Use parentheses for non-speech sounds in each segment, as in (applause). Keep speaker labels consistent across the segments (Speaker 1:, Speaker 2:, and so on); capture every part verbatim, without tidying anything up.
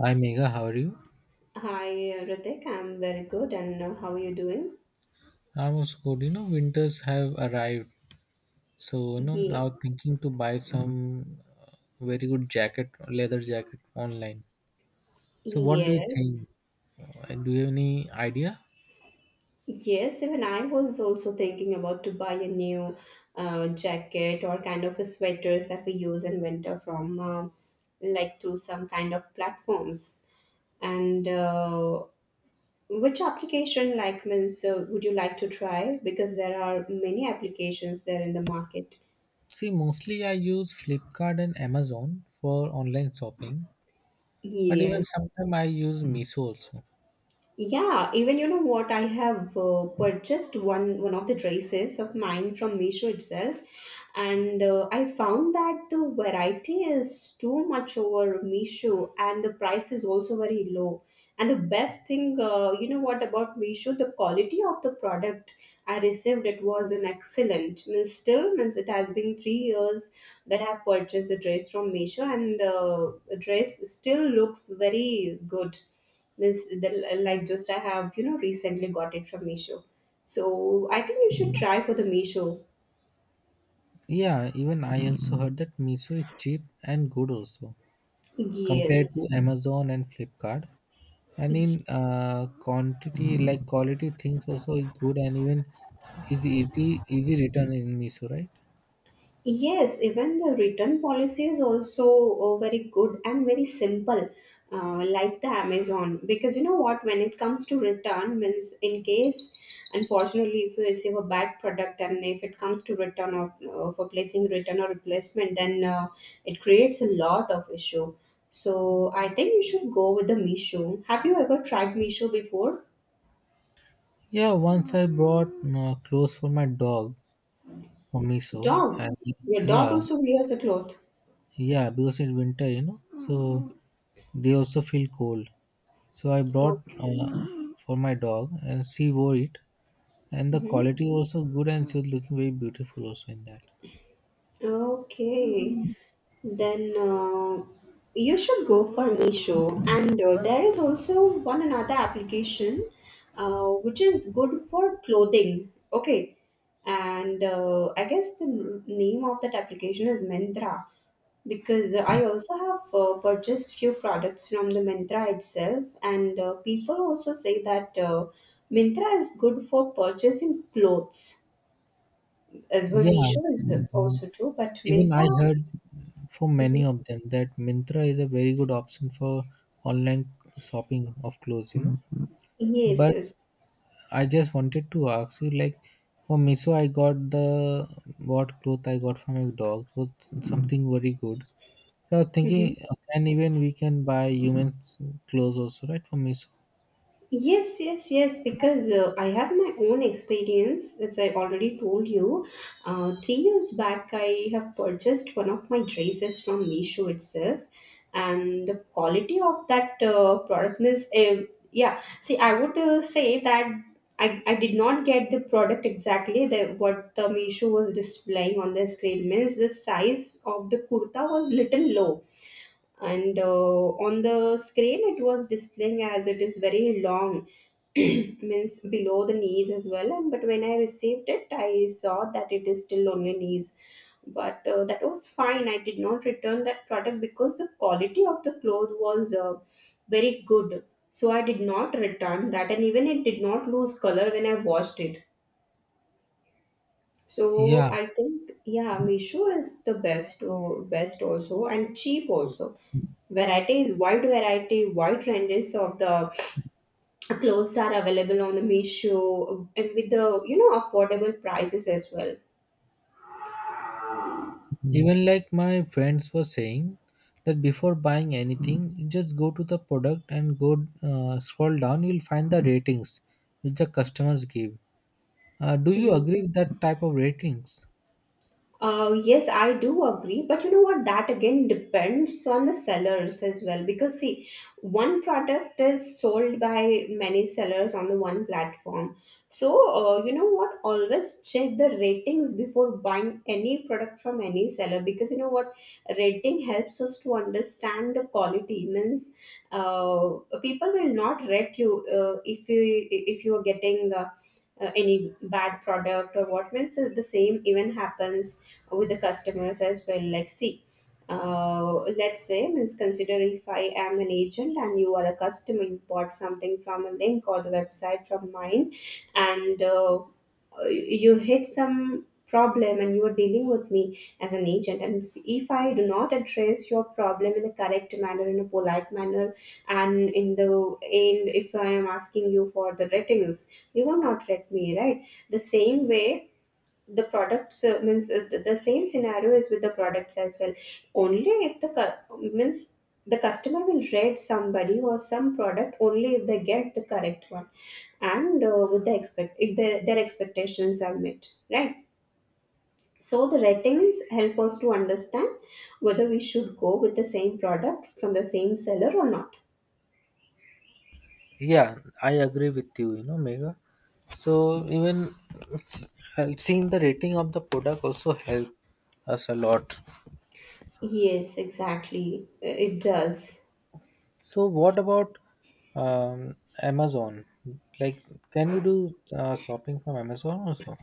Speaker 1: Hi Megha, how are you?
Speaker 2: Hi, Ritik. I'm very good. And uh, how are you doing?
Speaker 1: I am also good. You know, winters have arrived, so you know, I
Speaker 2: Yeah.
Speaker 1: was thinking to buy some very good jacket, leather jacket online. So, what do you
Speaker 2: Yes.
Speaker 1: think? Uh, Do you have any idea?
Speaker 2: Yes, even I was also thinking about to buy a new uh, jacket or kind of a sweaters that we use in winter from uh, like through some kind of platforms. And uh, which application like means uh, would you like to try? Because there are many applications there in the market.
Speaker 1: See, mostly I use Flipkart and Amazon for online shopping, but even
Speaker 2: Yes.
Speaker 1: sometimes I use Miso also.
Speaker 2: Yeah, even you know what I have uh, purchased one one of the dresses of mine from Meesho itself, and uh, I found that the variety is too much over Meesho, and the price is also very low. And the best thing, uh, you know what about Meesho, the quality of the product I received it was an excellent. Means still means it has been three years that I have purchased the dress from Meesho, and uh, the dress still looks very good. Means the, like just I have you know recently got it from Meesho. So I think you should try for the Meesho.
Speaker 1: Yeah, even I also heard that Miso is cheap and good also compared to
Speaker 2: Yes.
Speaker 1: Amazon and Flipkart. And in uh, quantity, like quality things also is good, and even is easy, easy written in Miso, right?
Speaker 2: Yes, even the return policy is also uh, very good and very simple, uh, like the Amazon. Because you know what, when it comes to return, means in case, unfortunately, if you receive a bad product and if it comes to return or uh, for placing return or replacement, then uh, it creates a lot of issue. So I think you should go with the Meesho. Have you ever tried Meesho before?
Speaker 1: Yeah, once I brought uh, clothes for my dog from Miso,
Speaker 2: Dog.
Speaker 1: and
Speaker 2: Your dog
Speaker 1: yeah,
Speaker 2: also wears a cloth.
Speaker 1: yeah, because it's winter, you know, so they also feel cold. So I brought
Speaker 2: Okay.
Speaker 1: uh, for my dog, and she wore it, and the
Speaker 2: Hmm.
Speaker 1: quality also good, and she was looking very beautiful also in that.
Speaker 2: Okay, then uh, you should go for Meesho. And uh, there is also one another application uh, which is good for clothing. Okay, and uh, I guess the n- name of that application is Mentra because I also have uh, purchased few products from the Mentra itself, and uh, people also say that uh, Mintra is good for purchasing clothes as well.
Speaker 1: Yeah,
Speaker 2: Meesho is also too, but
Speaker 1: even I
Speaker 2: Mintra.
Speaker 1: heard from many
Speaker 2: Mhm.
Speaker 1: of them that Mintra is a very good option for online shopping of clothes, you know.
Speaker 2: Yes,
Speaker 1: But
Speaker 2: yes.
Speaker 1: I just wanted to ask you, like, for Miso, I got the what cloth I got from your dog was something very good. So I was thinking,
Speaker 2: Mhm.
Speaker 1: uh, can even we can buy human s- clothes also, right, for Miso?
Speaker 2: Yes, yes, yes, because uh, I have my own experience, as I already told you. Uh, three years back, I have purchased one of my dresses from Meesho itself, and the quality of that uh, product is um, yeah, see, I would uh, say that I, I did not get the product exactly that what the Meesho was displaying on the screen. Means the size of the kurta was little low and uh, on the screen it was displaying as it is very long. (clears throat) Means below the knees as well, and but when I received it I saw that it is still only knees. But uh, that was fine, I did not return that product because the quality of the cloth was uh, very good. So I did not return that, and even it did not lose color when I washed it. So
Speaker 1: Yeah,
Speaker 2: I think yeah, Meesho is the best, uh, best also and cheap also. Variety is wide variety, wide ranges of the clothes are available on the Meesho and with the you know affordable prices as well.
Speaker 1: even like my friends were saying that before buying anything, just go to the product and go uh, scroll down. You'll find the ratings which the customers give. Uh, do you agree with that type of ratings?
Speaker 2: Uh, yes, I do agree, but you know what? That again depends on the sellers as well. Because, see, one product is sold by many sellers on the one platform. So, uh, you know what? Always check the ratings before buying any product from any seller because you know what? Rating helps us to understand the quality. Means, uh, people will not rate you uh, if you if you are getting Uh, uh, any bad product or what. Means uh, the same even happens with the customers as well, like see, uh, let's say, means consider if I am an agent and you are a customer, you bought something from a link or the website from mine, and uh, uh, you hit some problem and you are dealing with me as an agent, and if I do not address your problem in a correct manner, in a polite manner, and in the end if I am asking you for the ratings, you will not rate me, right? The same way, the products uh, means uh, the, the same scenario is with the products as well. Only if the cu- means the customer will rate somebody or some product only if they get the correct one and uh, with the expect, if the, their expectations are met, right? So the ratings help us to understand whether we should go with the same product from the same seller or not.
Speaker 1: Yeah, I agree with you, you know, Mega. So even hel- seeing the rating of the product also help us a lot.
Speaker 2: Yes, exactly. Uh, it does.
Speaker 1: So what about um, Amazon? Like, can we do uh, shopping from Amazon also?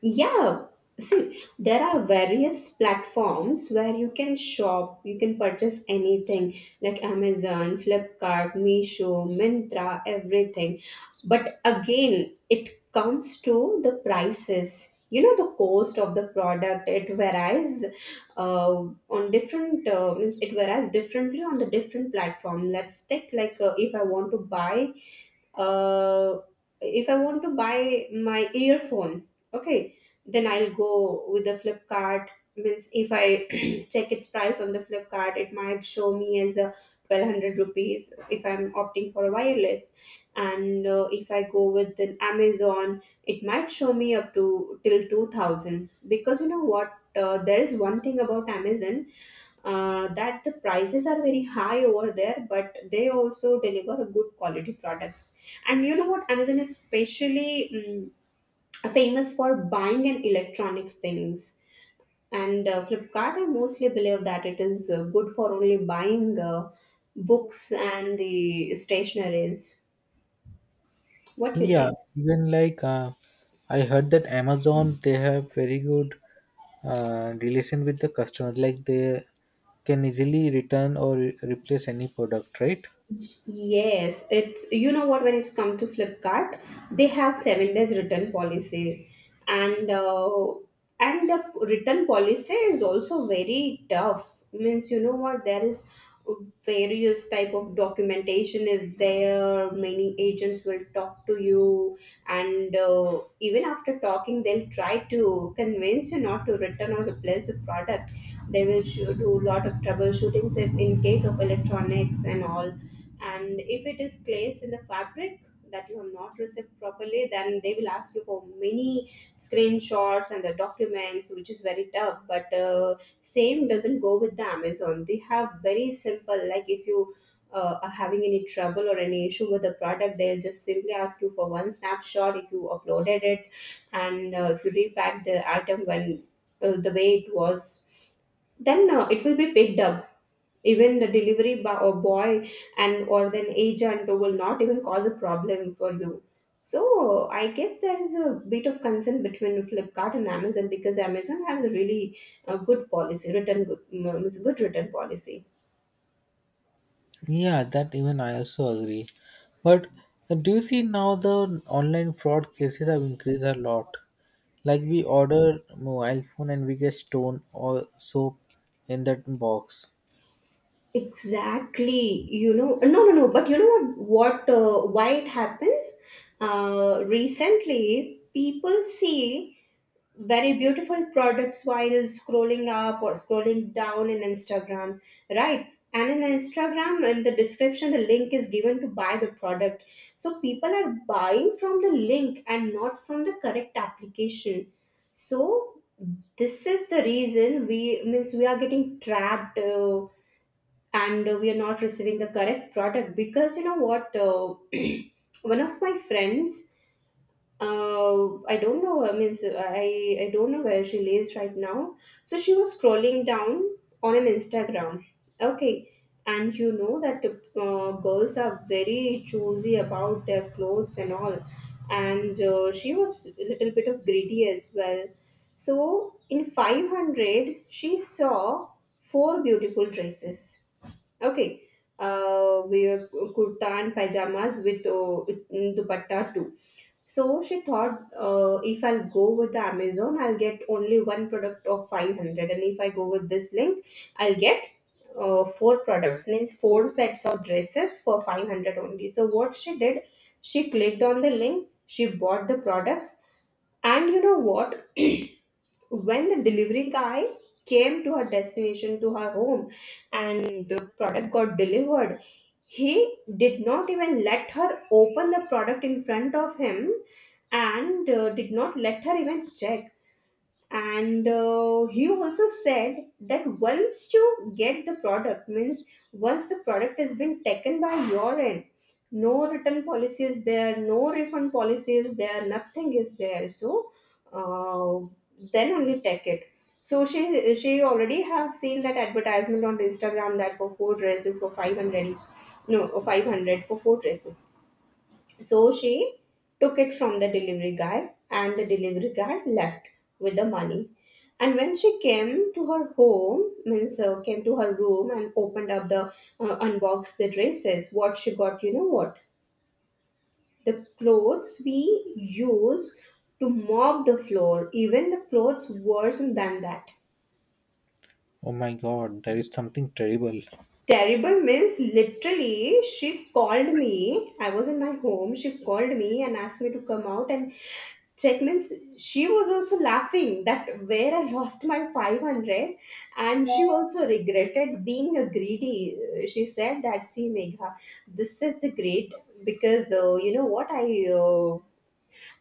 Speaker 2: Yeah, see, there are various platforms where you can shop, you can purchase anything like Amazon, Flipkart, Meesho, Mintra, everything. But again, it comes to the prices. You know, the cost of the product, it varies uh, on different, uh, means it varies differently on the different platform. Let's take like uh, if I want to buy uh, if I want to buy my earphone, okay, then I'll go with the Flipkart. Means if I (clears throat) check its price on the Flipkart, it might show me as a twelve hundred rupees if I'm opting for a wireless. And uh, if I go with an Amazon, it might show me up to till two thousand. Because you know what, uh, there is one thing about Amazon uh, that the prices are very high over there, but they also deliver good quality products. And you know what? Amazon is especially mm, famous for buying and electronics things. And uh, Flipkart, I mostly believe that it is uh, good for only buying uh, books and the stationaries. What do you
Speaker 1: Yeah,
Speaker 2: think?
Speaker 1: even like uh, I heard that Amazon they have very good uh, relation with the customers. Like they can easily return or re- replace any product, right?
Speaker 2: Yes, it's you know what, when it's come to Flipkart, they have seven days return policy, and uh, and the return policy is also very tough. Means you know what, there is various type of documentation is there. Many agents will talk to you, and uh, even after talking, they'll try to convince you not to return or replace the product. They will sh- do a lot of troubleshootings if in case of electronics and all, and if it is placed in the fabric that you have not received properly, then they will ask you for many screenshots and the documents, which is very tough. But uh, same doesn't go with the Amazon. They have very simple, like if you uh, are having any trouble or any issue with the product, they'll just simply ask you for one snapshot, if you uploaded it, and uh, if you repack the item when uh, the way it was, then uh, it will be picked up. Even the delivery bo- or boy and or then agent will not even cause a problem for you. So I guess there is a bit of concern between Flipkart and Amazon because Amazon has a really uh, good policy written, good, mm, it's a good written policy.
Speaker 1: Yeah, that even I also agree. But uh, do you see now the online fraud cases have increased a lot? Like we order mobile phone and we get stone or soap in that box.
Speaker 2: Exactly, you know, uh, no no no but you know what what uh, why it happens. Uh, recently people see very beautiful products while scrolling up or scrolling down in Instagram, right? And in Instagram, in the description, the link is given to buy the product. So people are buying from the link and not from the correct application. So this is the reason we, means we are getting trapped uh, and we are not receiving the correct product because you know what? Uh, (clears throat) one of my friends, uh, I don't know. I mean, so I I don't know where she lives right now. So she was scrolling down on an Instagram. Okay, and you know that uh, girls are very choosy about their clothes and all, and uh, she was a little bit of greedy as well. So in five hundred, she saw four beautiful dresses. Okay. Uh, wear kurta and pajamas with uh, dupatta too. So she thought, uh, if I'll go with the Amazon, I'll get only one product of five hundred, and if I go with this link, I'll get uh, four products, means four sets of dresses for five hundred only. So what she did, she clicked on the link, she bought the products, and you know what? (clears throat) When the delivery guy came to her destination, to her home, and the product got delivered, he did not even let her open the product in front of him and uh, did not let her even check, and uh, he also said that once you get the product, means once the product has been taken by your end, no return policy is there, no refund policy is there, nothing is there. So uh, then only take it. So she she already have seen that advertisement on Instagram that for four dresses for five hundred each, no, five hundred for four dresses. So she took it from the delivery guy, and the delivery guy left with the money. And when she came to her home, means uh, came to her room and opened up the uh, unboxed the dresses, what she got, you know what? The clothes we use to mop the floor, even the clothes worse than that.
Speaker 1: Oh my god, that is something terrible.
Speaker 2: Terrible means literally she called me. I was in my home. She called me and asked me to come out and check means she was also laughing that where I lost my five hundred, and she also regretted being a greedy. She said that, see Megha, this is the great because uh, you know what I uh,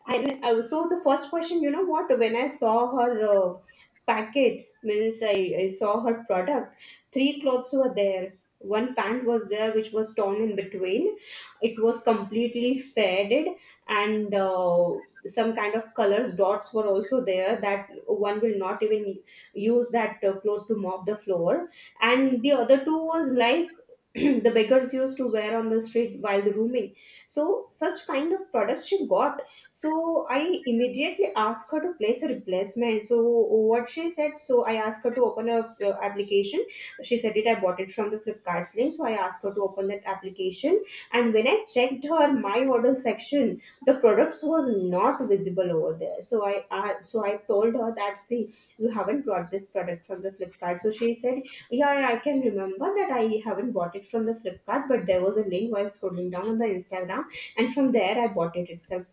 Speaker 2: and uh, so the first question, you know what, when I saw her uh, packet, means I, I saw her product, three clothes were there. One pant was there, which was torn in between. It was completely faded, and uh, some kind of colors dots were also there that one will not even use that uh, cloth to mop the floor. And the other two was like (clears throat) the beggars used to wear on the street while rooming. So such kind of products she got. So I immediately asked her to place a replacement. So what she said, so I asked her to open a uh, application. She said it. I bought it from the Flipkart link. So I asked her to open that application, and when I checked her my order section, the products was not visible over there. So I uh, so I told her that, see, you haven't brought this product from the Flipkart. So she said, yeah, yeah, I can remember that I haven't bought it from the Flipkart, but there was a link while scrolling down on the Instagram, and from there I bought it itself.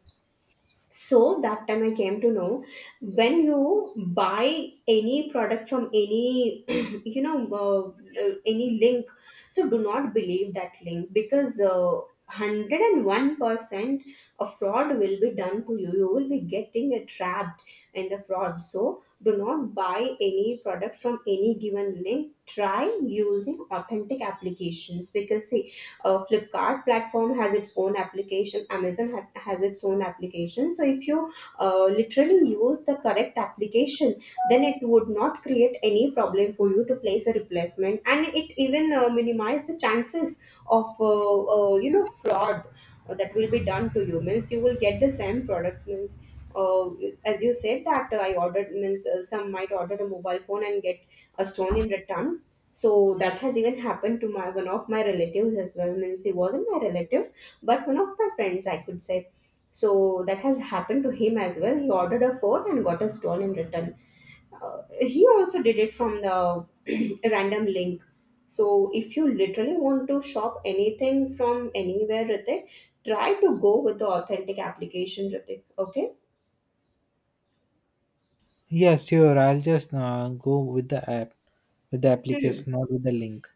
Speaker 2: So that time I came to know, when you buy any product from any (clears throat) you know uh, uh, any link, so do not believe that link because uh, one hundred one percent of fraud will be done to you. You will be getting uh, trapped in the fraud, so do not buy any product from any given link. Try using authentic applications because uh, Flipkart platform has its own application, Amazon ha- has its own application. So if you uh, literally use the correct application, then it would not create any problem for you to place a replacement, and it even uh, minimize the chances of uh, uh, you know, fraud uh, that will be done to you means you will get the same product means uh, as you said that uh, I ordered means uh, some might order a mobile phone and get a stone in return. So that has even happened to my one of my relatives as well means he wasn't my relative, but one of my friends I could say. So that has happened to him as well. He ordered a phone and got a stone in return. Uh, he also did it from the (clears throat) random link. So if you literally want to shop anything from anywhere, Ritik, try to go with the authentic application, Ritik. Okay.
Speaker 1: Yeah, sure. I'll just uh, go with the app, with the application, not with the link.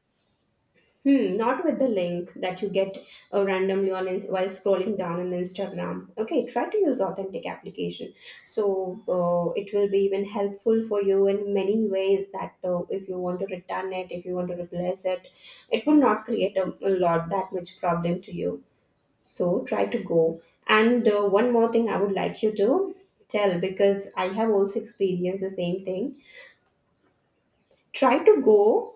Speaker 2: Hmm, not with the link that you get uh, randomly on ins- while scrolling down on Instagram. Okay, try to use authentic application. So uh, it will be even helpful for you in many ways. That uh, if you want to return it, if you want to replace it, it will not create a, a lot that much problem to you. So try to go. And uh, one more thing, I would like you to tell because I have also experienced the same thing. Try to go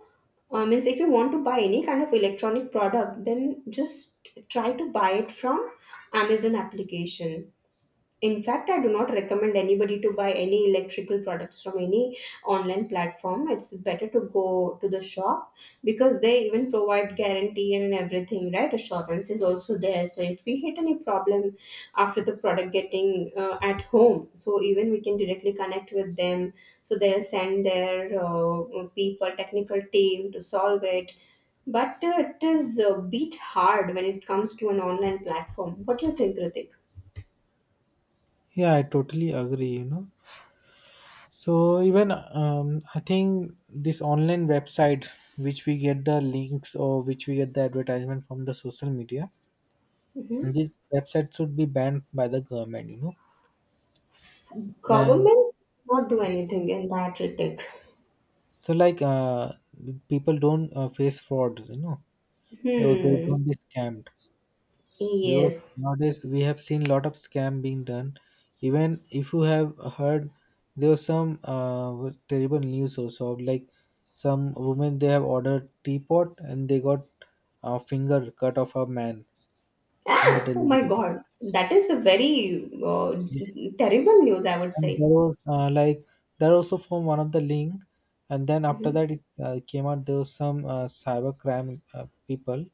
Speaker 2: uh, means if you want to buy any kind of electronic product, then just try to buy it from Amazon application. In fact, I do not recommend anybody to buy any electrical products from any online platform. It's better to go to the shop because they even provide guarantee and everything, right? Assurance is also there. So if we hit any problem after the product getting uh, at home, so even we can directly connect with them. So they'll send their uh, people, technical team to solve it. But uh, it is uh, beat hard when it comes to an online platform. What do you think, Ritik?
Speaker 1: Yeah, I totally agree. You know, so even um, I think this online website, which we get the links or which we get the advertisement from the social media,
Speaker 2: Mm-hmm.
Speaker 1: these websites should be banned by the government, you know. And
Speaker 2: Government not do anything in that, Ritik.
Speaker 1: so, like, uh, people don't uh, face fraud, you know. Or they
Speaker 2: Hmm.
Speaker 1: don't be scammed because
Speaker 2: Yes.
Speaker 1: nowadays we have seen lot of scam being done. Even if you have heard, there was some uh, terrible news also of like some women they have ordered teapot and they got a finger cut off a man in the
Speaker 2: Ah. Oh my
Speaker 1: delivery.
Speaker 2: God. That is a very uh, terrible news, I would
Speaker 1: And there
Speaker 2: say.
Speaker 1: was uh, like there also from one of the link, and then after
Speaker 2: Mhm.
Speaker 1: that it uh, came out there was some uh, cyber crime uh, people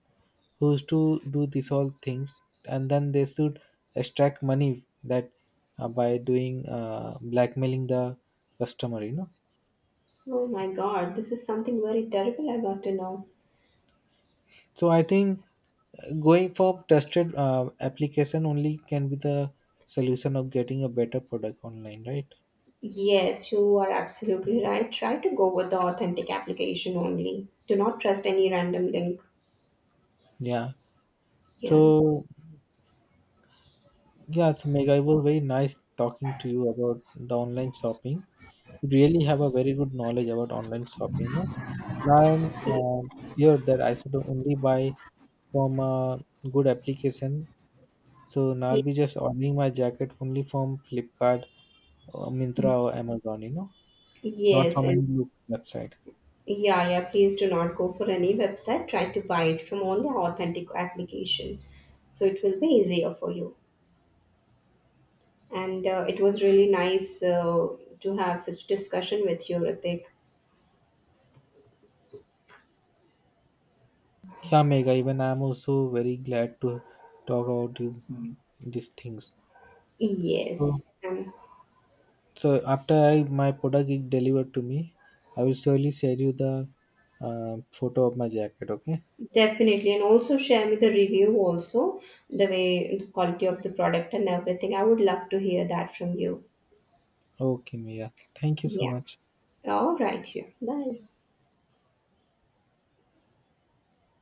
Speaker 1: who used to do these all things, and then they should extract money that uh, by doing uh, blackmailing the customer, you know.
Speaker 2: Oh my God. This is something very terrible, I got to know.
Speaker 1: So I think uh, going for trusted uh, application only can be the solution of getting a better product online, right?
Speaker 2: Yes, you are absolutely right. Try to go with the authentic application only. Do not trust any random link.
Speaker 1: Yeah.
Speaker 2: Yeah.
Speaker 1: So yeah, so Meg, it was very nice talking to you about the online shopping. You really have a very good knowledge about online shopping. No? Now I'm uh, sure that I should only buy from a good application. So now I'll
Speaker 2: Y-
Speaker 1: be just ordering my jacket only from Flipkart, or Mintra,
Speaker 2: y-
Speaker 1: or Amazon. You know, not
Speaker 2: Yes,
Speaker 1: from
Speaker 2: and
Speaker 1: any local website.
Speaker 2: yeah, yeah, please do not go for any website. Try to buy it from only authentic application. So it will be easier for you. And uh, it was really nice uh, to have such discussion with you, Ritik.
Speaker 1: Yeah, Mega. Even I'm also very glad to talk about you, these things. So
Speaker 2: Yes, and
Speaker 1: so after I my product is delivered to me, I will surely share you the uh, photo of my jacket. Okay.
Speaker 2: definitely. And also share me the review also, the way, the quality of the product and everything. I would love to hear that from you.
Speaker 1: Okay, Mia. Thank you so
Speaker 2: Yeah.
Speaker 1: much.
Speaker 2: All right, yeah. Bye.